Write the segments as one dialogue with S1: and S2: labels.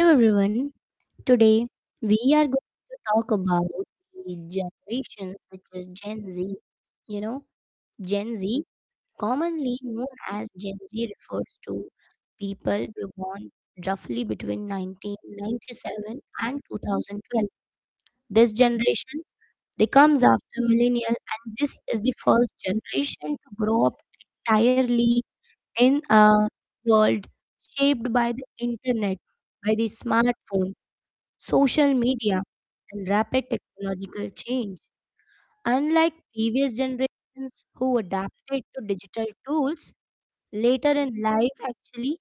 S1: Hello everyone. Today we are going to talk about the generations which is Gen Z. You know, Gen Z, commonly known as Gen Z refers to people who born roughly between 1997 and 2012. This generation they comes after millennial and this is the first generation to grow up entirely in a world shaped by the internet, by the smartphones social media, and rapid technological change. Unlike previous generations who adapted to digital tools later in life, actually,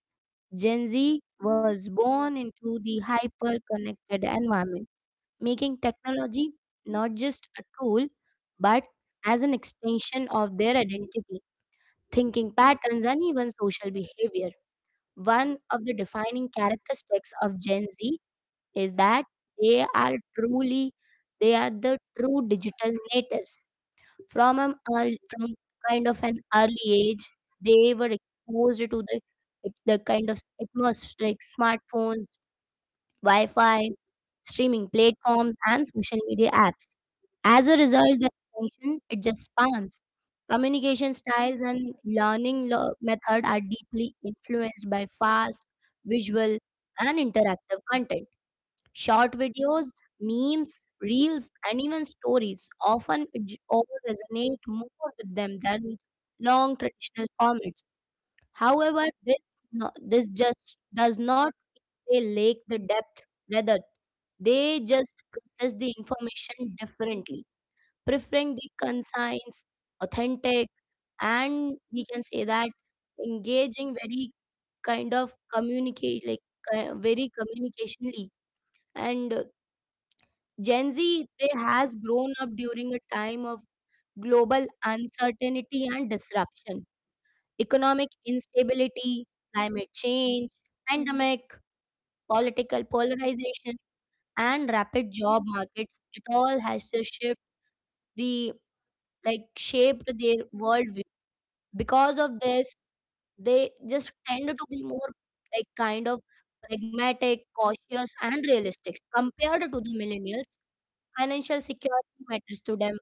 S1: Gen Z was born into the hyper connected environment, making technology not just a tool but as an extension of their identity, thinking patterns, and even social behavior. One of the defining characteristics of Gen Z is that they are truly they are the true digital natives from kind of an early age they were exposed to the kind of atmos like smartphones, wi-fi, streaming platforms, and social media apps. As a result, the attention it just spans, communication styles, and learning method are deeply influenced by fast, visual, and interactive content. Short videos, memes, reels, and even stories all resonate more with them than long traditional formats. However, this just does not, they lack the depth. Rather, they just process the information differently, preferring the concise, authentic, and we can say that engaging, very kind of communicate like very communicationally. And Gen Z they has grown up during a time of global uncertainty and disruption, economic instability, climate change, pandemic, political polarization, and rapid job markets. It all has to shift the like shaped their worldview. Because of this, they just tend to be more like kind of pragmatic, cautious, and realistic compared to the millennials. Financial security matters to them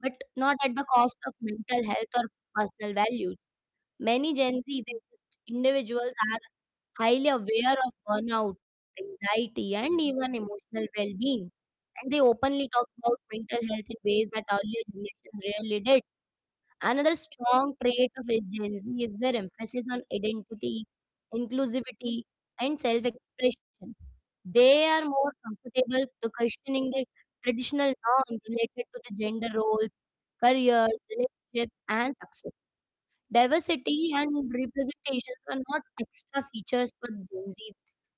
S1: but not at the cost of mental health or personal values. Many Gen Z they individuals are highly aware of burnout, anxiety, and even emotional well being. And they openly talk about mental health in ways that earlier generations rarely did. Another strong trait of Gen Z is their emphasis on identity, inclusivity, and self expression. They are more comfortable to questioning the traditional norms related to the gender roles, careers, relationships, and success. Diversity and representations are not extra features for Gen Z.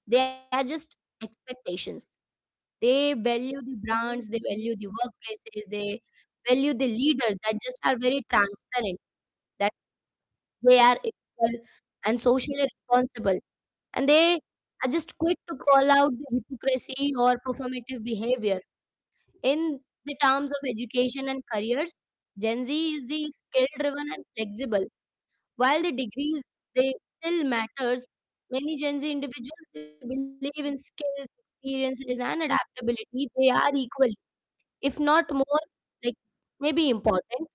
S1: They are just expectations. They value the brands, they value the workplaces, they value the leaders that just are very transparent, that they are equal and socially responsible. And they are just quick to call out the hypocrisy or performative behavior. In the terms of education and careers, Gen Z is the skill driven and flexible. While the degrees they still matters, many Gen Z individuals they believe in skills, experiences, and adaptability. They are equally, if not more, like maybe important.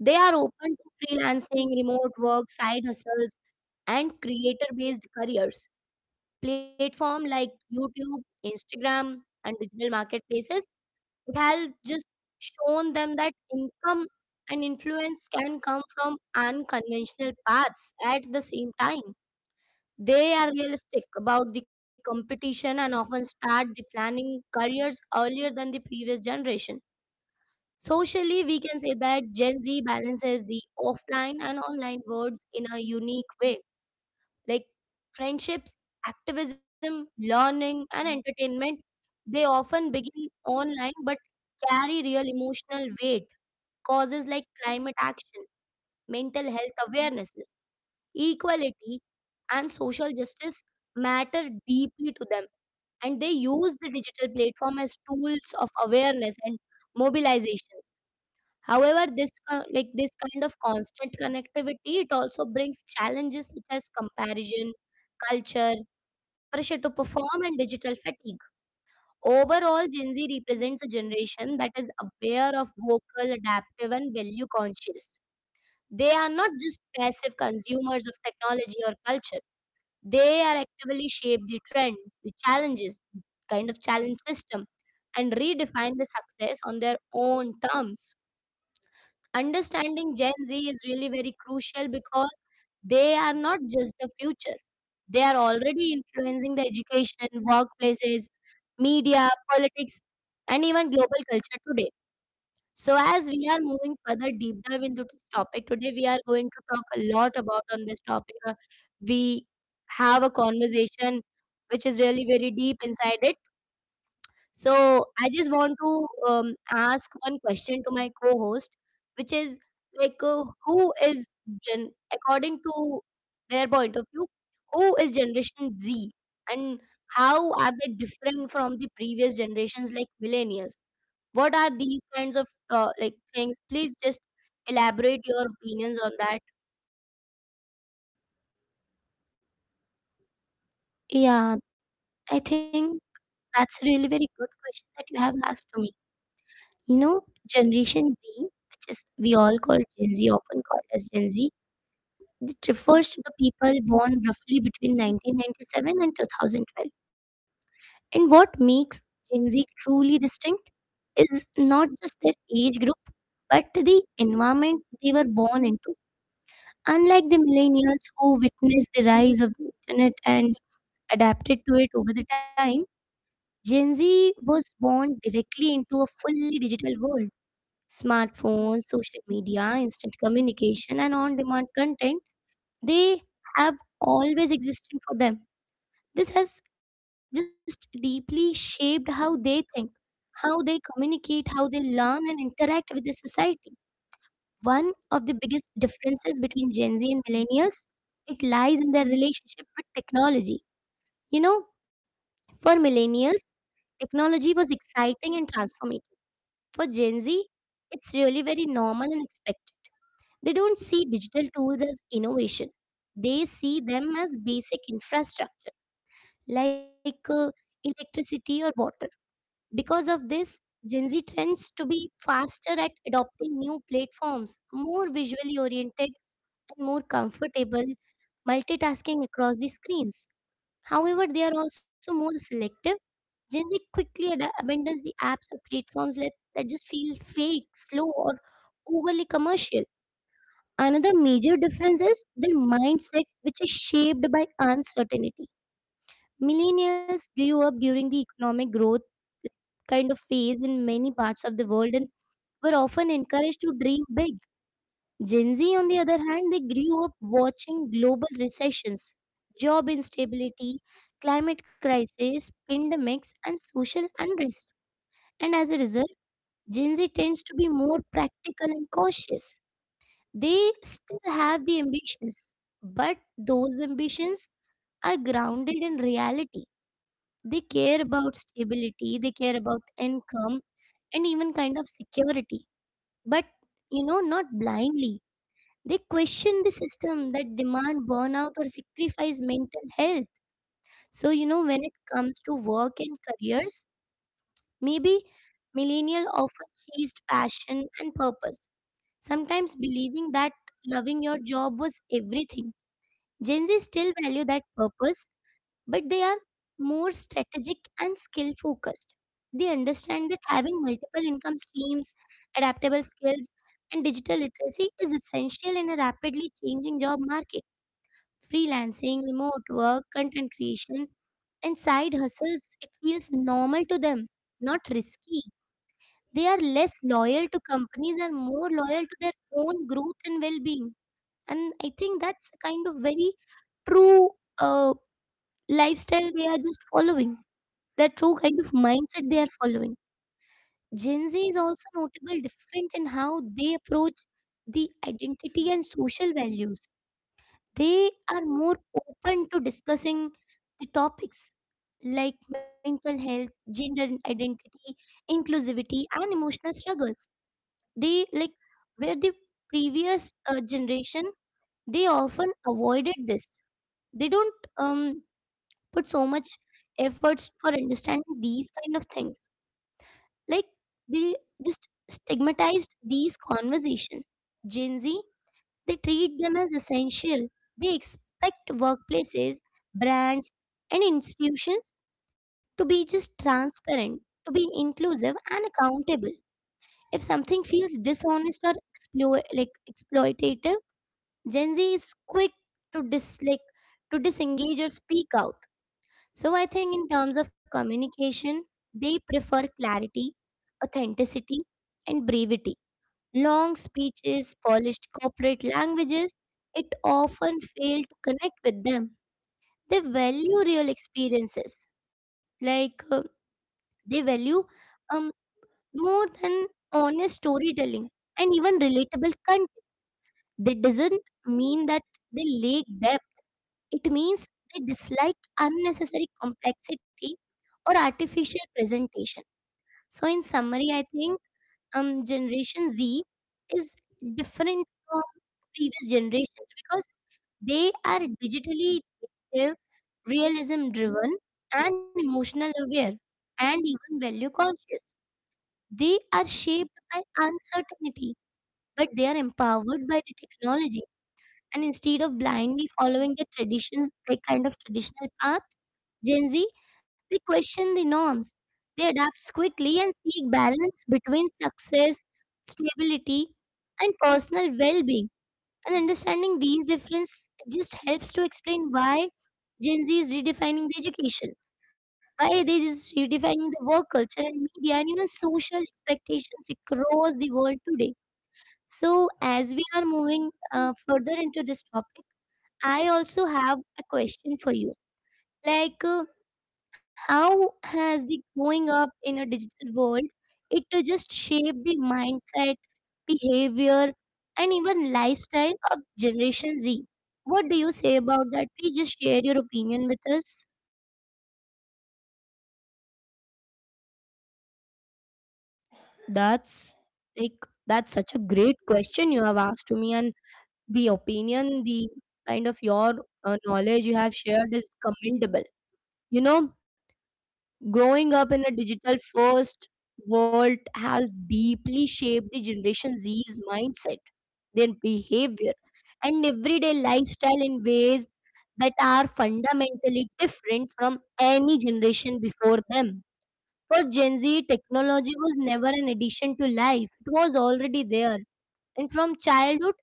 S1: They are open to freelancing, remote work, side hustles, and creator-based careers. Platform like YouTube, Instagram, and digital marketplaces it has just shown them that income and influence can come from unconventional paths. At the same time, they are realistic about the competition and often start the planning careers earlier than the previous generation. Socially, we can say that Gen Z balances the offline and online worlds in a unique way. Like friendships, activism, learning, and entertainment, they often begin online but carry real emotional weight. Causes like climate action, mental health awareness, equality, and social justice matter deeply to them, and they use the digital platform as tools of awareness and mobilizations. However, this co- like this kind of constant connectivity it also brings challenges such as comparison culture, pressure to perform, and digital fatigue. Overall, Gen Z represents a generation that is aware, of vocal, adaptive, and value conscious. They are not just passive consumers of technology or culture, they are actively shape the trend, the challenges, the kind of challenge system, and redefine the success on their own terms. Understanding Gen Z is really very crucial because they are not just the future. They are already influencing the education, workplaces, media, politics, and even global culture today. So as we are moving further deep dive into this topic, today we are going to talk a lot about on this topic. We have a conversation which is really very deep inside it. So I just want to ask one question to my co-host, which is who is gen according to their point of view, who is Generation Z, and how are they different from the previous generations like millennials? What are these kinds of like things? Please just elaborate your opinions on that.
S2: Yeah, I think that's a really very good question that you have asked to me. You know, Generation Z, which is we all call Gen Z, often called as Gen Z, it refers to the people born roughly between 1997 and 2012. And what makes Gen Z truly distinct is not just their age group, but the environment they were born into. Unlike the millennials who witnessed the rise of the internet and adapted to it over the time, Gen Z was born directly into a fully digital world. Smartphones, social media, instant communication, and on demand content, they have always existed for them. This has just deeply shaped how they think, how they communicate, how they learn and interact with the society. One of the biggest differences between Gen Z and millennials, it lies in their relationship with technology. You know, for millennials, technology was exciting and transformative. For Gen Z, it's really very normal and expected. They don't see digital tools as innovation, they see them as basic infrastructure like electricity or water. Because of this, Gen Z tends to be faster at adopting new platforms, more visually oriented, and more comfortable multitasking across the screens. However, they are also more selective. Gen Z quickly abandons the apps or platforms that just feel fake, slow, or overly commercial. Another major difference is their mindset, which is shaped by uncertainty. Millennials grew up during the economic growth kind of phase in many parts of the world and were often encouraged to dream big. Gen Z, on the other hand, they grew up watching global recessions, job instability, climate crisis, pandemics, and social unrest, and as a result, Gen Z tends to be more practical and cautious. They still have the ambitions, but those ambitions are grounded in reality. They care about stability, they care about income, and even kind of security. But, you know, not blindly. They question the system that demand burnout or sacrifice mental health. So, you know, when it comes to work and careers, maybe millennial often chased passion and purpose. Sometimes believing that loving your job was everything. Gen Z still value that purpose, but they are more strategic and skill focused. They understand that having multiple income streams, adaptable skills, and digital literacy is essential in a rapidly changing job market. Freelancing, remote work, content creation, and side hustles, it feels normal to them, not risky. They are less loyal to companies and more loyal to their own growth and well being, and I think that's a kind of very true uh, lifestyle they are just following, that true kind of mindset they are following. Gen Z is also notable different in how they approach the identity and social values. They are more open to discussing the topics like mental health, gender identity, inclusivity and emotional struggles. They like, where the previous generation, they often avoided this. They don't put so much efforts for understanding these kind of things. Like, they just stigmatized these conversation. Gen Z, they treat them as essential. They expect workplaces, brands, and institutions to be just transparent, to be inclusive and accountable. If something feels dishonest or like exploitative, Gen Z is quick to disengage or speak out. So I think in terms of communication, they prefer clarity, authenticity, and brevity. Long speeches, polished corporate languages, it often fail to connect with them. They value real experiences, like uh, they value um, more than honest storytelling and even relatable content. That doesn't mean that they lack depth. It means they dislike unnecessary complexity or artificial presentation. So, in summary, I think Generation Z is different from previous generations because they are digitally native, realism driven, and emotional aware, and even value conscious. They are shaped by uncertainty, but they are empowered by the technology. And instead of blindly following the traditions, like kind of traditional path, Gen Z, they question the norms. They adapt quickly and seek balance between success, stability, and personal well being. And understanding these differences just helps to explain why Gen Z is redefining the education, why they is redefining the work culture and media and even social expectations across the world today. So, as we are moving further into this topic, I also have a question for you. Like, uh, how has the growing up in a digital world it to just shape the mindset, behavior, and even lifestyle of Generation Z? What do you say about that? Please just share your opinion with us.
S1: That's like that's such a great question you have asked to me, and the opinion, the kind of your knowledge you have shared is commendable. You know, Growing up in a digital first world has deeply shaped the Generation Z's mindset, their behavior, and everyday lifestyle in ways that are fundamentally different from any generation before them. For Gen Z, technology was never an addition to life, it was already there. And from childhood,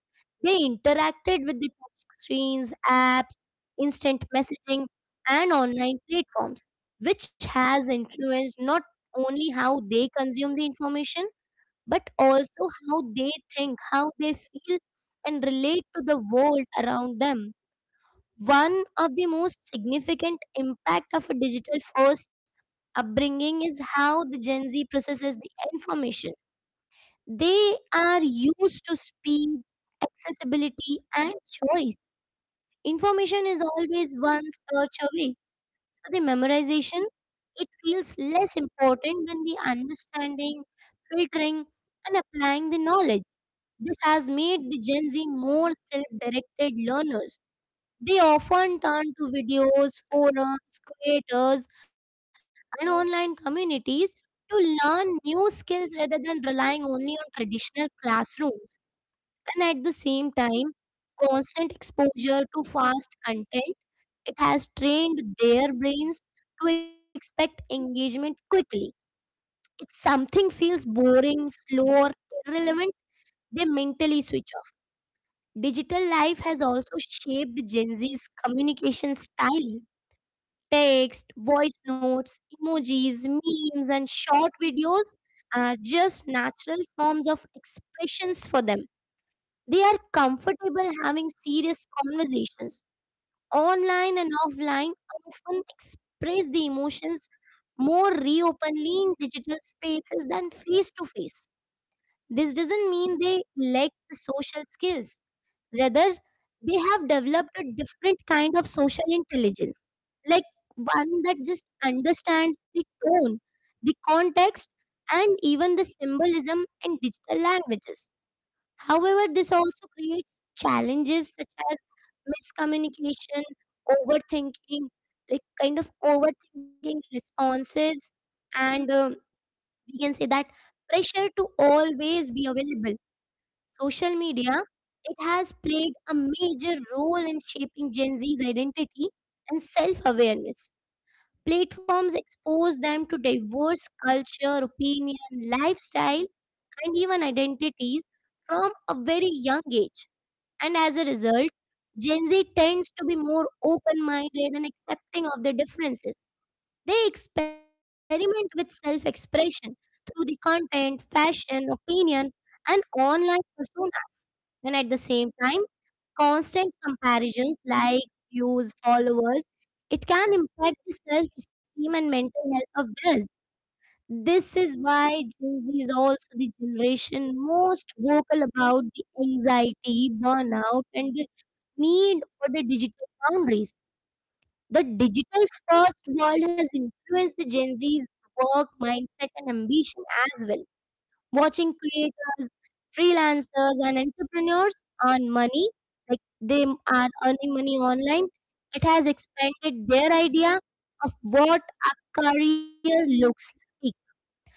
S1: they interacted with the touch screens, apps, instant messaging, and online platforms, which has influenced not only how they consume the information, but also how they think, how they feel, and relate to the world around them. One of the most significant impact of a digital first upbringing is how the Gen Z processes the information. They are used to speed, accessibility, and choice. Information is always one search away. So the memorization, it feels less important than the understanding, filtering, and applying the knowledge. This has made the Gen Z more self-directed learners. They often turn to videos, forums, creators, and online communities to learn new skills rather than relying only on traditional classrooms. And at the same time, constant exposure to fast content, it has trained their brains to expect engagement quickly. If something feels boring, slow, or irrelevant, they mentally switch off. Digital life has also shaped Gen Z's communication style. Text, voice notes, emojis, memes, and short videos are just natural forms of expressions for them. They are comfortable having serious conversations online and offline, often express the emotions more reopenly in digital spaces than face to face. This doesn't mean they lack the social skills. Rather, they have developed a different kind of social intelligence, like one that just understands the tone, the context, and even the symbolism in digital languages. However, this also creates challenges such as miscommunication, overthinking, like kind of overthinking responses, and we can say that pressure to always be available. Social media it has played a major role in shaping Gen Z's identity and self-awareness. Platforms expose them to diverse culture, opinion, lifestyle, and even identities from a very young age. And as a result, Gen Z tends to be more open minded and accepting of their differences. They experiment with self expression through the content, fashion, opinion, and online personas. And at the same time, constant comparisons like views, followers, it can impact the self esteem and mental health of others. This is why Gen Z is also the generation most vocal about the anxiety, burnout, and the need for the digital boundaries. The digital first world has influenced the Gen Z's work, mindset, and ambition as well. Watching creators, freelancers, and entrepreneurs earn money, like they are earning money online, it has expanded their idea of what a career looks like.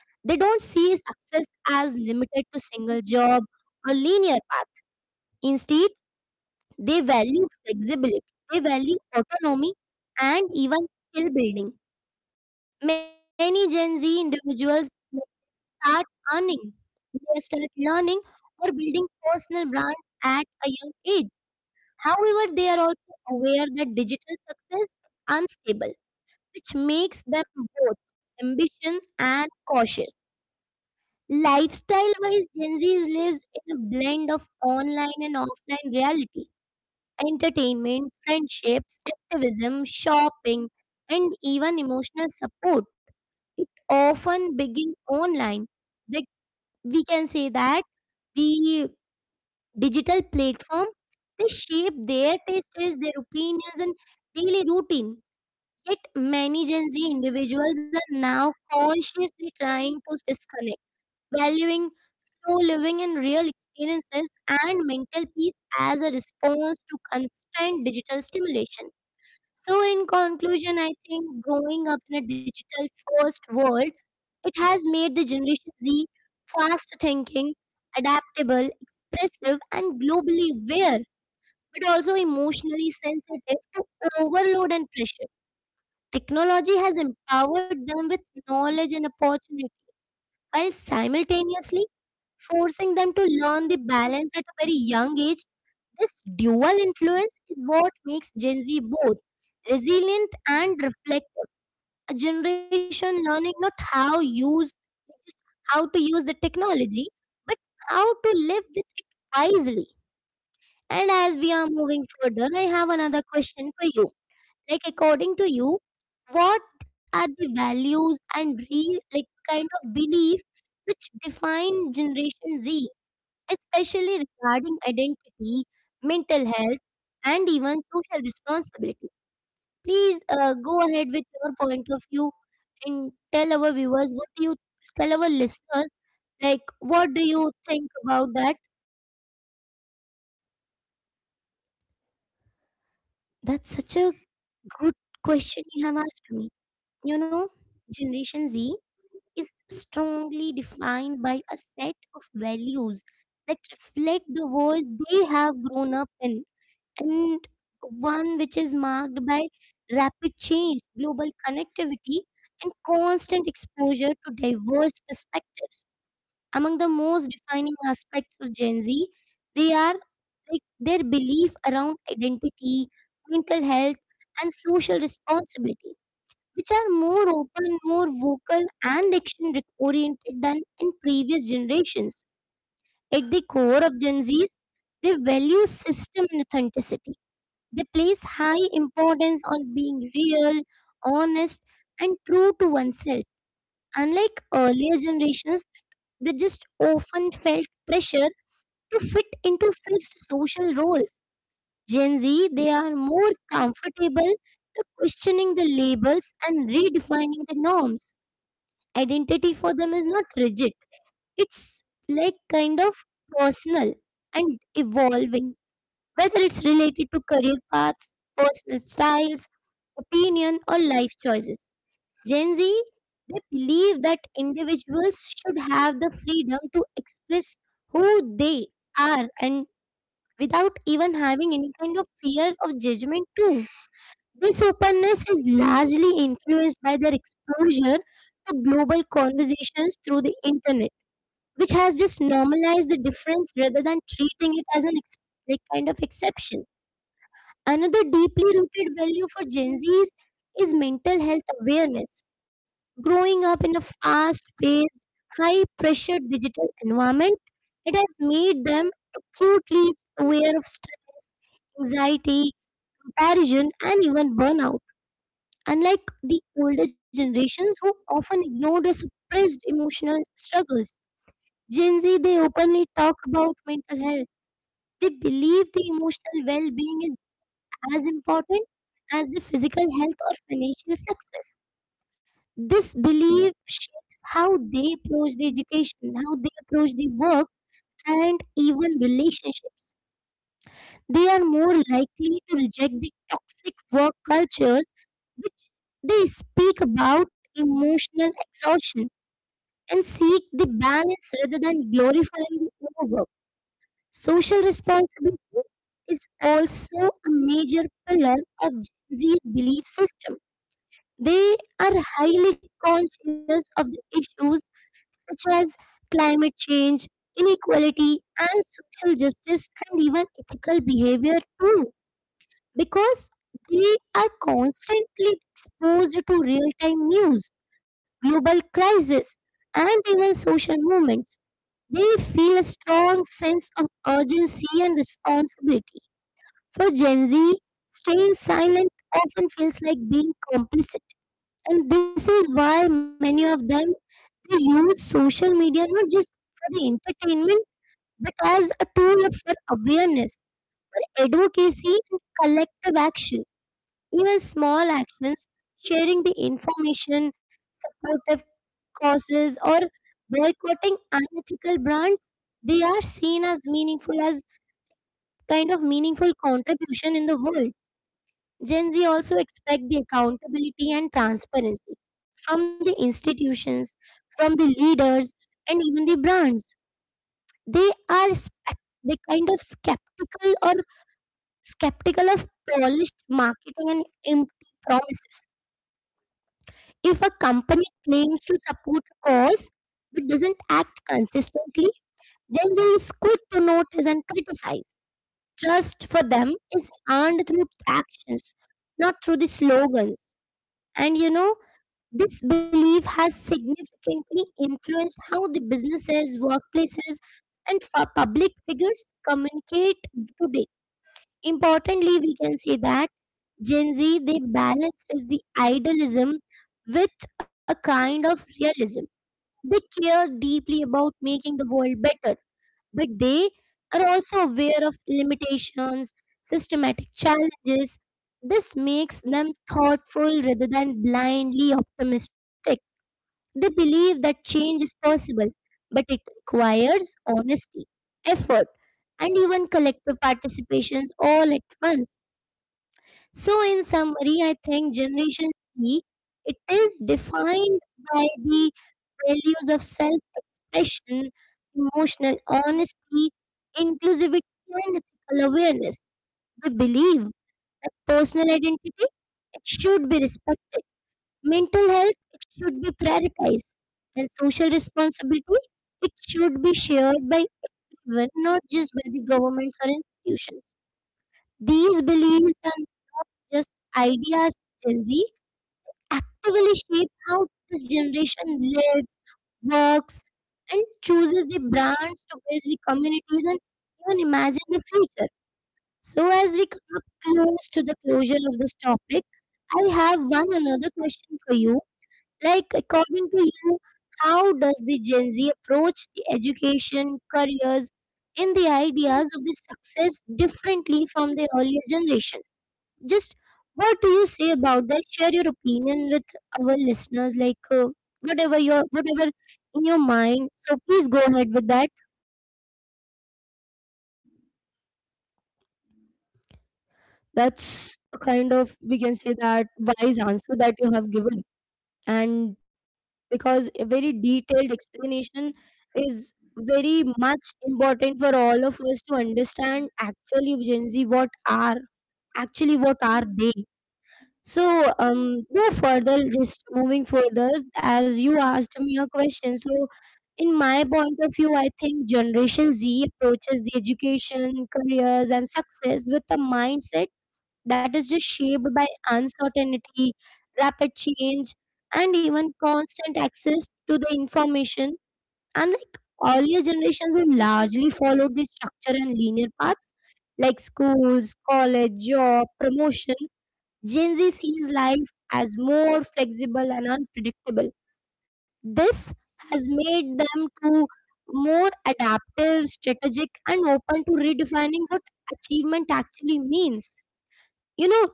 S1: They don't see success as limited to single job or linear path. Instead, they value flexibility, they value autonomy, and even skill building. Many Gen Z individuals they start earning, they start learning or building personal brands at a young age. However, they are also aware that digital success is unstable, which makes them both ambition and cautious. Lifestyle wise, Gen Z lives in a blend of online and offline reality, entertainment, friendships, activism, shopping, and even emotional support. It often begins online. They, we can say that the digital platform they shape their tastes, their opinions, and daily routine. Yet many Gen Z individuals are now consciously trying to disconnect, valuing through living in real experiences and mental peace as a response to constant digital stimulation. So, in conclusion, I think growing up in a digital first world, it has made the Generation Z fast thinking, adaptable, expressive, and globally aware, but also emotionally sensitive to overload and pressure. Technology has empowered them with knowledge and opportunity, while simultaneously forcing them to learn the balance at a very young age. This dual influence is what makes Gen Z both resilient and reflective. A generation learning not how use just how to use the technology, but how to live with it wisely. And as we are moving further, I have another question for you. Like according to you, what are the values and real like kind of belief which define Generation Z? Especially regarding identity, mental health, and even social responsibility. Please go ahead with your point of view and tell our viewers what do you tell our listeners like what do you think about that?
S2: That's such a good question you have asked me. You know, Generation Z is strongly defined by a set of values that reflect the world they have grown up in, and one which is marked by rapid change, global connectivity, and constant exposure to diverse perspectives. Among the most defining aspects of Gen Z, they are like their belief around identity, mental health, and social responsibility, which are more open, more vocal, and action oriented than in previous generations. At the core of Gen Z's, they value system and authenticity. They place high importance on being real, honest, and true to oneself. Unlike earlier generations, they just often felt pressure to fit into fixed social roles. Gen Z, they are more comfortable to questioning the labels and redefining the norms. Identity for them is not rigid, it's like kind of personal and evolving, whether it's related to career paths, personal styles, opinion, or life choices. Gen Z, they believe that individuals should have the freedom to express who they are and without even having any kind of fear of judgment too. This openness is largely influenced by their exposure to global conversations through the internet, which has just normalized the difference rather than treating it as an kind of exception. Another deeply rooted value for Gen Zs is mental health awareness. Growing up in a fast paced, high pressure digital environment, it has made them acutely aware of stress, anxiety, comparison, and even burnout. Unlike the older generations who often ignored or suppressed emotional struggles, Gen Z they openly talk about mental health. They believe the emotional well being as important as the physical health or financial success. This belief shapes how they approach the education, how they approach the work, and even relationships. They are more likely to reject the toxic work cultures which they speak about emotional exhaustion and seek the balance rather than glorifying the overwork. Social responsibility is also a major pillar of Gen Z's belief system. They are highly conscious of the issues such as climate change, inequality, and social justice, and even ethical behavior too, because they are constantly exposed to real time news, global crises, and even social movements. They feel a strong sense of urgency and responsibility. For Gen Z, staying silent often feels like being complicit, and this is why many of them, they use social media not just for the entertainment but as a tool for awareness, for advocacy and collective action. Even small actions, sharing the information, supportive causes or boycotting unethical brands, they are seen as meaningful as kind of meaningful contribution in the world. Gen Z also expect the accountability and transparency from the institutions, from the leaders, and even the brands. They are spec- they kind of skeptical or skeptical of polished marketing and empty promises. If a company claims to support a cause but doesn't act consistently, Gen Z is quick to notice and criticize. Trust for them is earned through actions, not through the slogans. And you know, this belief has significantly influenced how the businesses, workplaces, and public figures communicate today. Importantly, we can say that Gen Z they balance is the idealism with a kind of realism. They care deeply about making the world better, but they are also aware of limitations, systematic challenges. This makes them thoughtful rather than blindly optimistic. They believe that change is possible, but it requires honesty, effort, and even collective participations all at once. So, in summary, I think Generation Z, it is defined by the values of self-expression, emotional honesty, inclusivity, and ethical awareness. They believe that personal identity it should be respected. Mental health it should be prioritized, and social responsibility it should be shared by everyone, not just by the governments or institutions. These beliefs are just ideas. Gen Z actively shape how this generation lives, works, and chooses the brands to build the communities and even imagine the future. So, as we come up close to the closure of this topic, I have one another question for you. Like, according to you, how does the Gen Z approach the education, careers, and the ideas of the success differently from the earlier generation? Just, what do you say about that? Share your opinion with our listeners, whatever your whatever in your mind. So please go ahead with that.
S1: That's a kind of, we can say that, wise answer that you have given, and because a very detailed explanation is very much important for all of us to understand actually Gen Z what are, actually, what are they? So, no further, just moving further, as you asked me a question. So, in my point of view, I think Generation Z approaches the education, careers, and success with a mindset that is just shaped by uncertainty, rapid change, and even constant access to the information. Unlike earlier generations who largely followed the structure and linear paths like schools, college, job, promotion, Gen Z sees life as more flexible and unpredictable. This has made them to more adaptive, strategic, and open to redefining what achievement actually means. You know,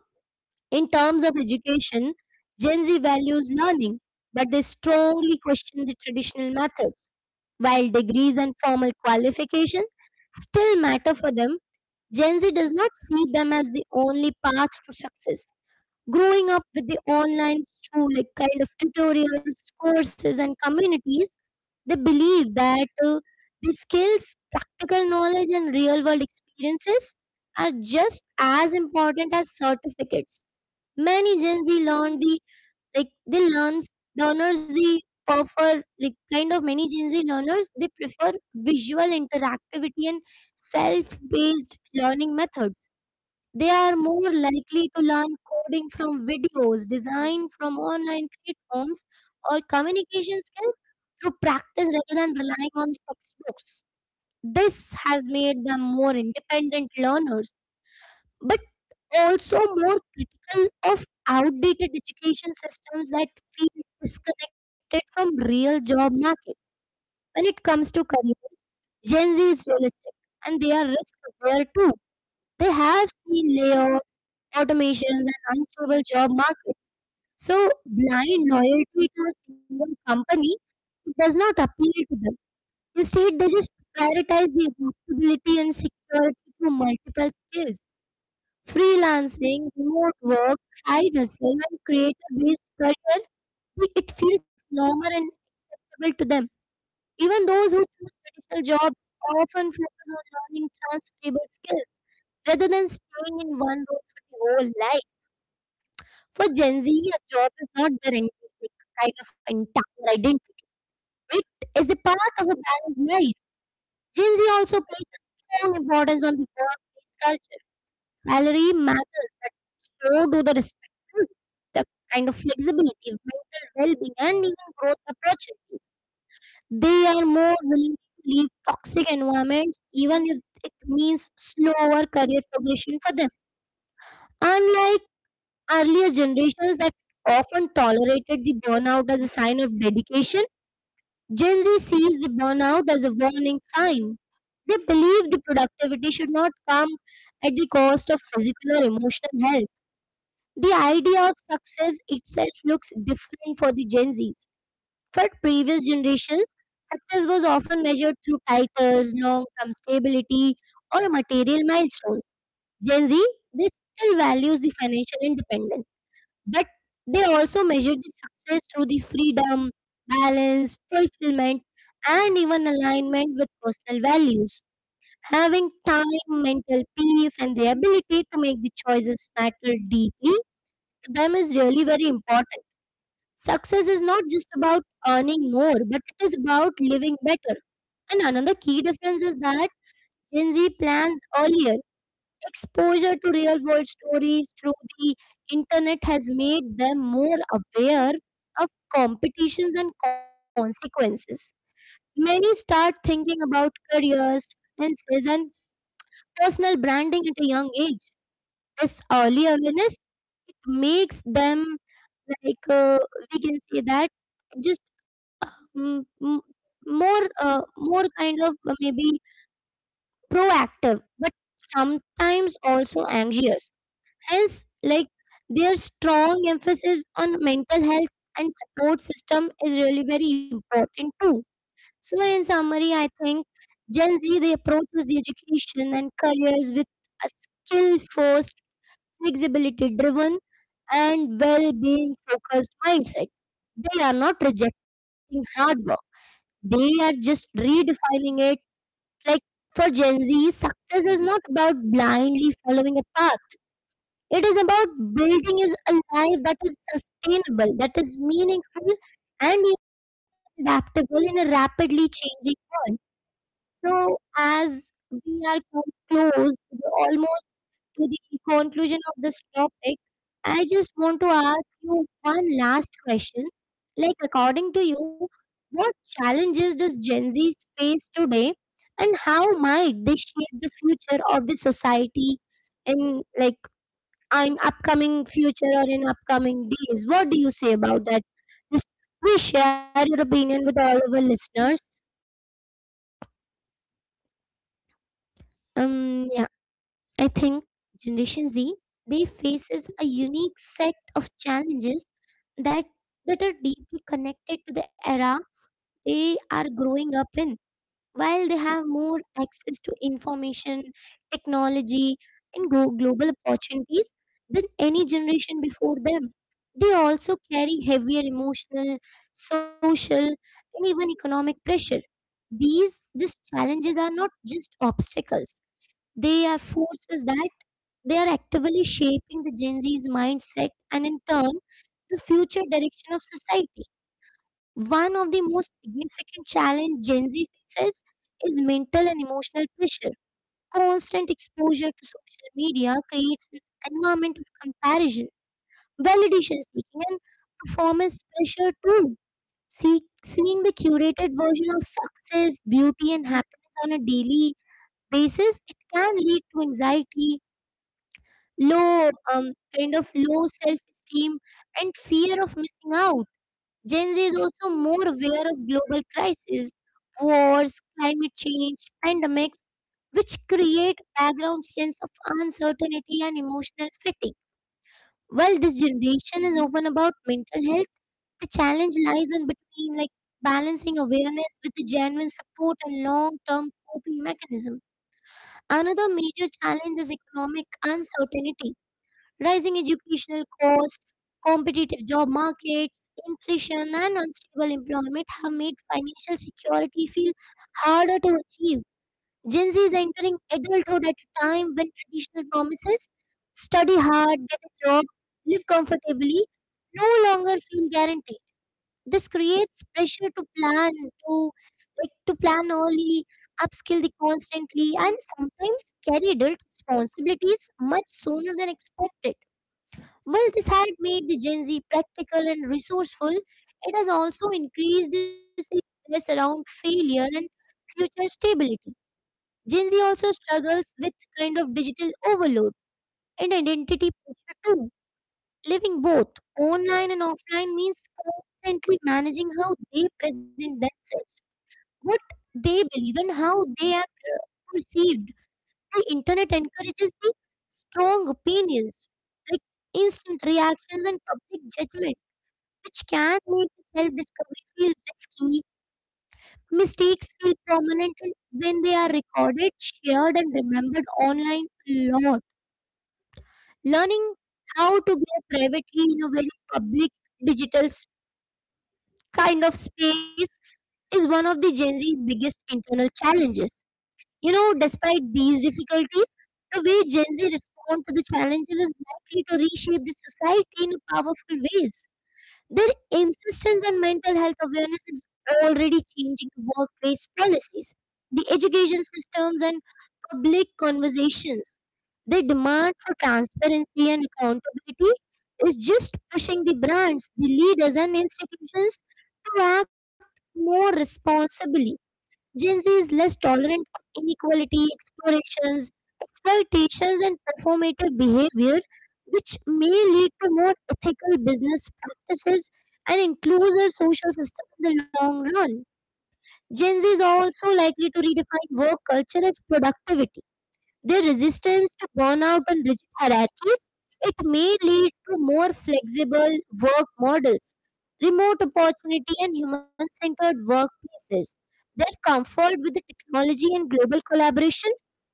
S1: in terms of education, Gen Z values learning, but they strongly question the traditional methods. While degrees and formal qualification still matter for them, Gen Z does not see them as the only path to success. Growing up with the online through like kind of tutorials, courses and communities, they believe that the skills, practical knowledge and real world experiences are just as important as certificates. Many gen z learn the, like they learn, learners the prefer like kind of many gen z learners, they prefer visual interactivity and self based learning methods. They are more likely to learn coding from videos, design from online platforms, or communication skills through practice rather than relying on textbooks. This has made them more independent learners, but also more critical of outdated education systems that feel disconnected from real job markets. When it comes to careers, Gen Z is realistic and they are risk aware too. They have seen layoffs, automations, and unstable job markets. So, blind loyalty to a single company does not appeal to them. Instead, they just prioritize the adaptability and security through multiple skills. Freelancing, remote work, side hustle, and creator based career, it feels normal and acceptable to them. Even those who choose traditional jobs often focus on learning transferable skills rather than staying in one role for the whole life. For Gen Z, a job is not their like, kind of entire identity. It is the part of a balanced life. Gen Z also places strong importance on the workplace culture. Salary matters, but so do the responsibility, the kind of flexibility, mental well-being, and even growth opportunities. They are more willing to leave toxic environments even if it means slower career progression for them. Unlike earlier generations that often tolerated the burnout as a sign of dedication, Gen Z sees the burnout as a warning sign. They believe the productivity should not come at the cost of physical or emotional health. The idea of success itself looks different for the Gen Zs. For previous generations, success was often measured through titles, long term stability, or material milestones. Gen Z, they still values the financial independence, but they also measure the success through the freedom, balance, fulfillment, and even alignment with personal values. Having time, mental peace, and the ability to make the choices matter deeply to them is really very important. Success is not just about earning more, but it is about living better. And another key difference is that Gen Z plans earlier. Exposure to real world stories through the internet has made them more aware of competitions and consequences. Many start thinking about careers, finances, and personal branding at a young age. This early awareness makes them like uh, we can say that, just, um, m- more kind of, maybe proactive but sometimes also anxious. Hence like their strong emphasis on mental health and support system is really very important too. So in summary I think gen z they approaches the education and careers with a skill first, flexibility driven, and well being focused mindset. They are not rejecting hard work, they are just redefining it. Like for Gen Z, success is not about blindly following a path, it is about building is a life that is sustainable, that is meaningful, and even adaptable in a rapidly changing world. So, as we are come close to the almost to the conclusion of this topic, I just want to ask you one last question. Like, according to you, what challenges does Gen Z face today, and how might they shape the future of the society in like an upcoming future or in upcoming days? What do you say about that? Just please share your opinion with all of our listeners.
S2: Um, yeah, I think Generation Z they faces a unique set of challenges that that are deeply connected to the era they are growing up in, while they have more access to information, technology, and global opportunities than any generation before them. They also carry heavier emotional, social, and even economic pressure. These challenges are not just obstacles, they are forces that they are actively shaping the Gen Z's mindset, and in turn, the future direction of society. One of the most significant challenges Gen Z faces is mental and emotional pressure. Constant exposure to social media creates an environment of comparison, validation seeking, and performance pressure too. Seeing the curated version of success, beauty, and happiness on a daily basis, it can lead to anxiety, low kind of low self-esteem, and fear of missing out. Gen Z is also more aware of global crises, wars, climate change, pandemics, which create background sense of uncertainty and emotional fatigue. While this generation is often about mental health, the challenge lies in between, like, balancing awareness with the genuine support and long-term coping mechanism. Another major challenge is economic uncertainty: rising educational costs, competitive job markets, inflation, and unstable employment have made financial security feel harder to achieve. Gen Z is entering adulthood at a time when traditional promises, study hard, get a job, live comfortably, no longer feel guaranteed. This creates pressure to plan, to like to plan early, upskill the constantly, and sometimes carry adult responsibilities much sooner than expected. While this has made the Gen Z practical and resourceful, it has also increased the stress around failure and future stability. Gen Z also struggles with kind of digital overload and identity pressure too. Living both online and offline means constantly managing how they present themselves, what they believe, and how they are perceived. The internet encourages the strong opinions, like, instant reactions and public judgment, which can make self discovery feel risky. Mistakes feel permanent when they are recorded, shared, and remembered online a lot. Learning how to grow privately in a very public digital s- kind of space is one of the Gen Z's biggest internal challenges. You know, despite these difficulties, the way Gen Z respond to the challenges is likely to reshape the society in powerful ways. Their insistence on mental health awareness is already changing the workplace policies, the education systems, and public conversations. Their demand for transparency and accountability is just pushing the brands, the leaders, and institutions to act more responsibly. Gen Z is less tolerant of inequality, explorations, exploitations, and performative behavior, which may lead to more ethical business practices and inclusive social system in the long run. Gen Z is also likely to redefine work culture as productivity. Their resistance to burnout and rigid hierarchies, it may lead to more flexible work models, remote opportunity, and human-centered workplaces. Their comfort with the technology and global collaboration,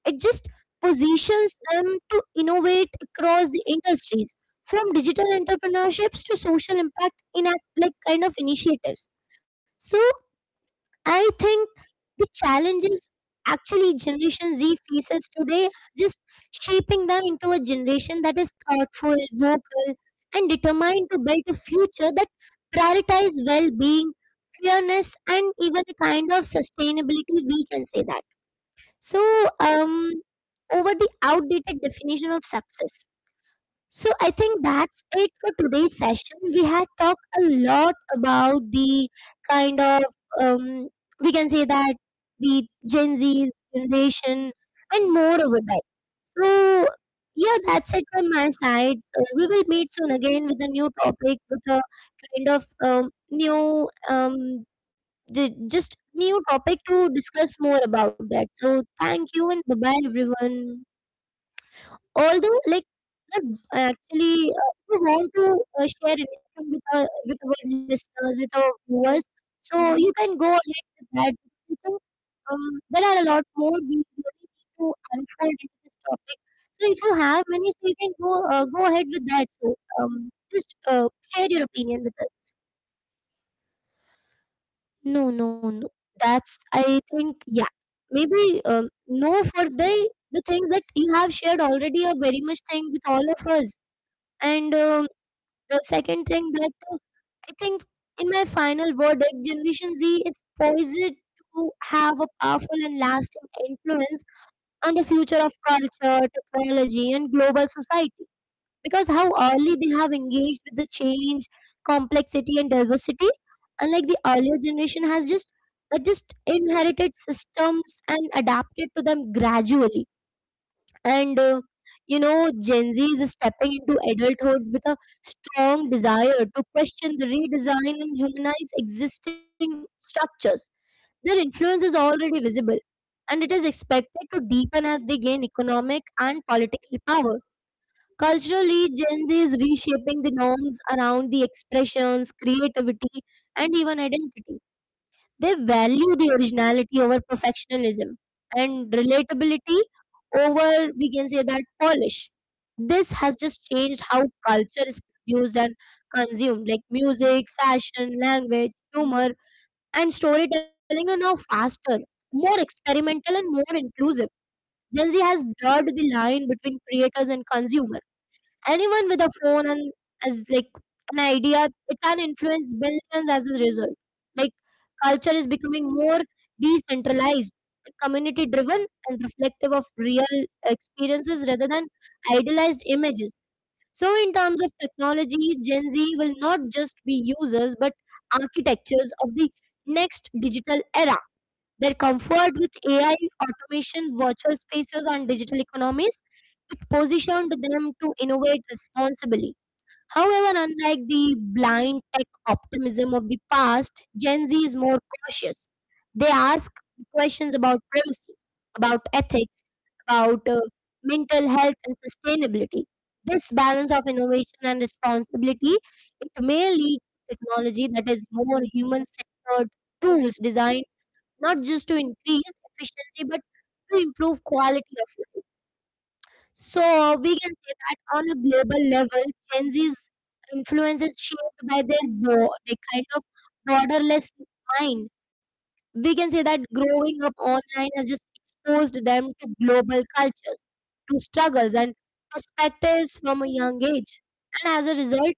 S2: it just positions them to innovate across the industries, from digital entrepreneurships to social impact in a, like, kind of initiatives. So I think the challenges actually Generation Z faces today are just shaping them into a generation that is thoughtful, vocal, and determined to build a future that prioritize well-being, fairness, and even a kind of sustainability. We can say that. So, um, over the outdated definition of success. So I think that's it for today's session. We had talked a lot about the kind of um, we can say that the Gen Z generation and more over that. So yeah, that's it from my side. We will meet soon again with a new topic with a kind of um, new um, just new topic to discuss more about that. So thank you and bye bye everyone. Although, like, not actually, if you want to share anything with with our listeners, with our viewers, so you can go ahead with that. I think, there are a lot more we really need to unfold into this topic. So if you have many, so you can go ahead with that. So just share your opinion with us.
S1: No, no, no. That's, I think, yeah. Maybe no, for the things that you have shared already are very much thing with all of us. And the second thing that I think in my final verdict, Generation Z is poised to have a powerful and lasting influence on the future of culture, technology, and global society, because how early they have engaged with the change, complexity and diversity, unlike the earlier generation has just that just inherited systems and adapted to them gradually. And you know, gen z is stepping into adulthood with a strong desire to question the redesign and humanize existing structures. Their influence is already visible and it is expected to deepen as they gain economic and political power. Culturally, Gen Z is reshaping the norms around the expressions, creativity, and even identity. They value the originality over perfectionism and relatability over, we can say that, polish. This has just changed how culture is produced and consumed, like music, fashion, language, humor, and storytelling are now faster, more experimental, and more inclusive. Gen Z has blurred the line between creators and consumers. Anyone with a phone and as like an idea, it can influence billions as a result. Like culture is becoming more decentralized, community driven, and reflective of real experiences rather than idealized images. So, in terms of technology, Gen Z will not just be users but architectures of the next digital era. Their comfort with AI, automation, virtual spaces, and digital economies, it positioned them to innovate responsibly. However, unlike the blind tech optimism of the past, Gen Z is more cautious. They ask questions about privacy, about ethics, about mental health and sustainability. This balance of innovation and responsibility, it may lead to technology that is more human-centered, tools designed not just to increase efficiency but to improve quality of life. So we can say that on a global level, Gen Z's influence is shaped by their, their kind of borderless mind, we can say that. Growing up online has just exposed them to global cultures, to struggles and perspectives from a young age. And as a result,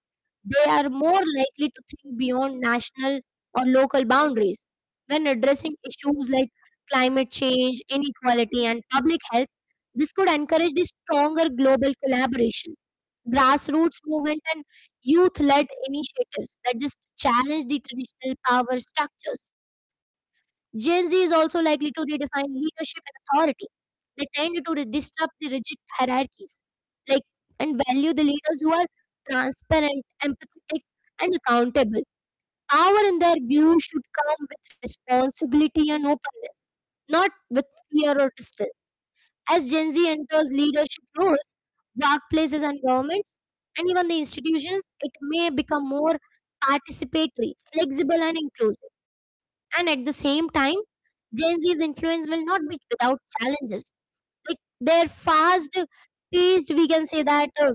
S1: they are more likely to think beyond national or local boundaries. When addressing issues like climate change, inequality, and public health, this could encourage the stronger global collaboration, grassroots movement, and youth led initiatives that just challenge the traditional power structures. Gen Z is also likely to redefine leadership and authority. They tend to disrupt the rigid hierarchies, like, and value the leaders who are transparent, empathetic, and accountable. Power in their view should come with responsibility and openness, not with fear or distance. As Gen Z enters leadership roles, workplaces and governments, and even the institutions, it may become more participatory, flexible, and inclusive. And at the same time, Gen Z's influence will not be without challenges. Like their fast paced, we can say that,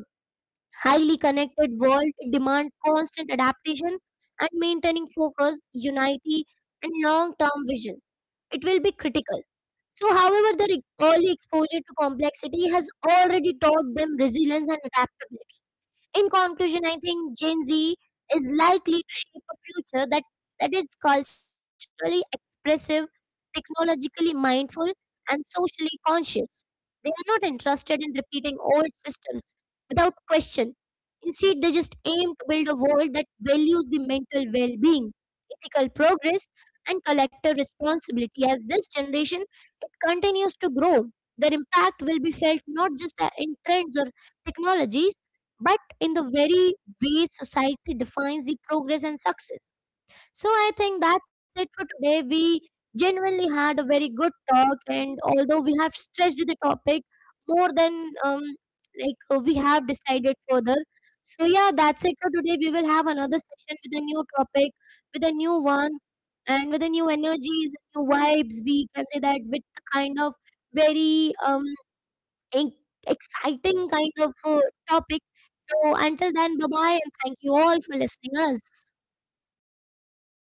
S1: highly connected world demand constant adaptation, and maintaining focus, unity, and long term vision. It will be critical. So, however, their early exposure to complexity has already taught them resilience and adaptability. In conclusion, I think Gen Z is likely to shape a future that, that is culturally expressive, technologically mindful, and socially conscious. They are not interested in repeating old systems without question. Instead, they just aim to build a world that values the mental well being, ethical progress, and collective responsibility. As this generation it continues to grow, their impact will be felt not just in trends or technologies, but in the very way society defines the progress and success. So I think that's it for today. We genuinely had a very good talk, and although we have stretched the topic more than we have decided further. So yeah, that's it for today. We will have another session with a new topic, with a new one, and with a new energies, new vibes. We can say that with the kind of very en- exciting kind of topic. So until then, bye bye, and thank you all for listening us.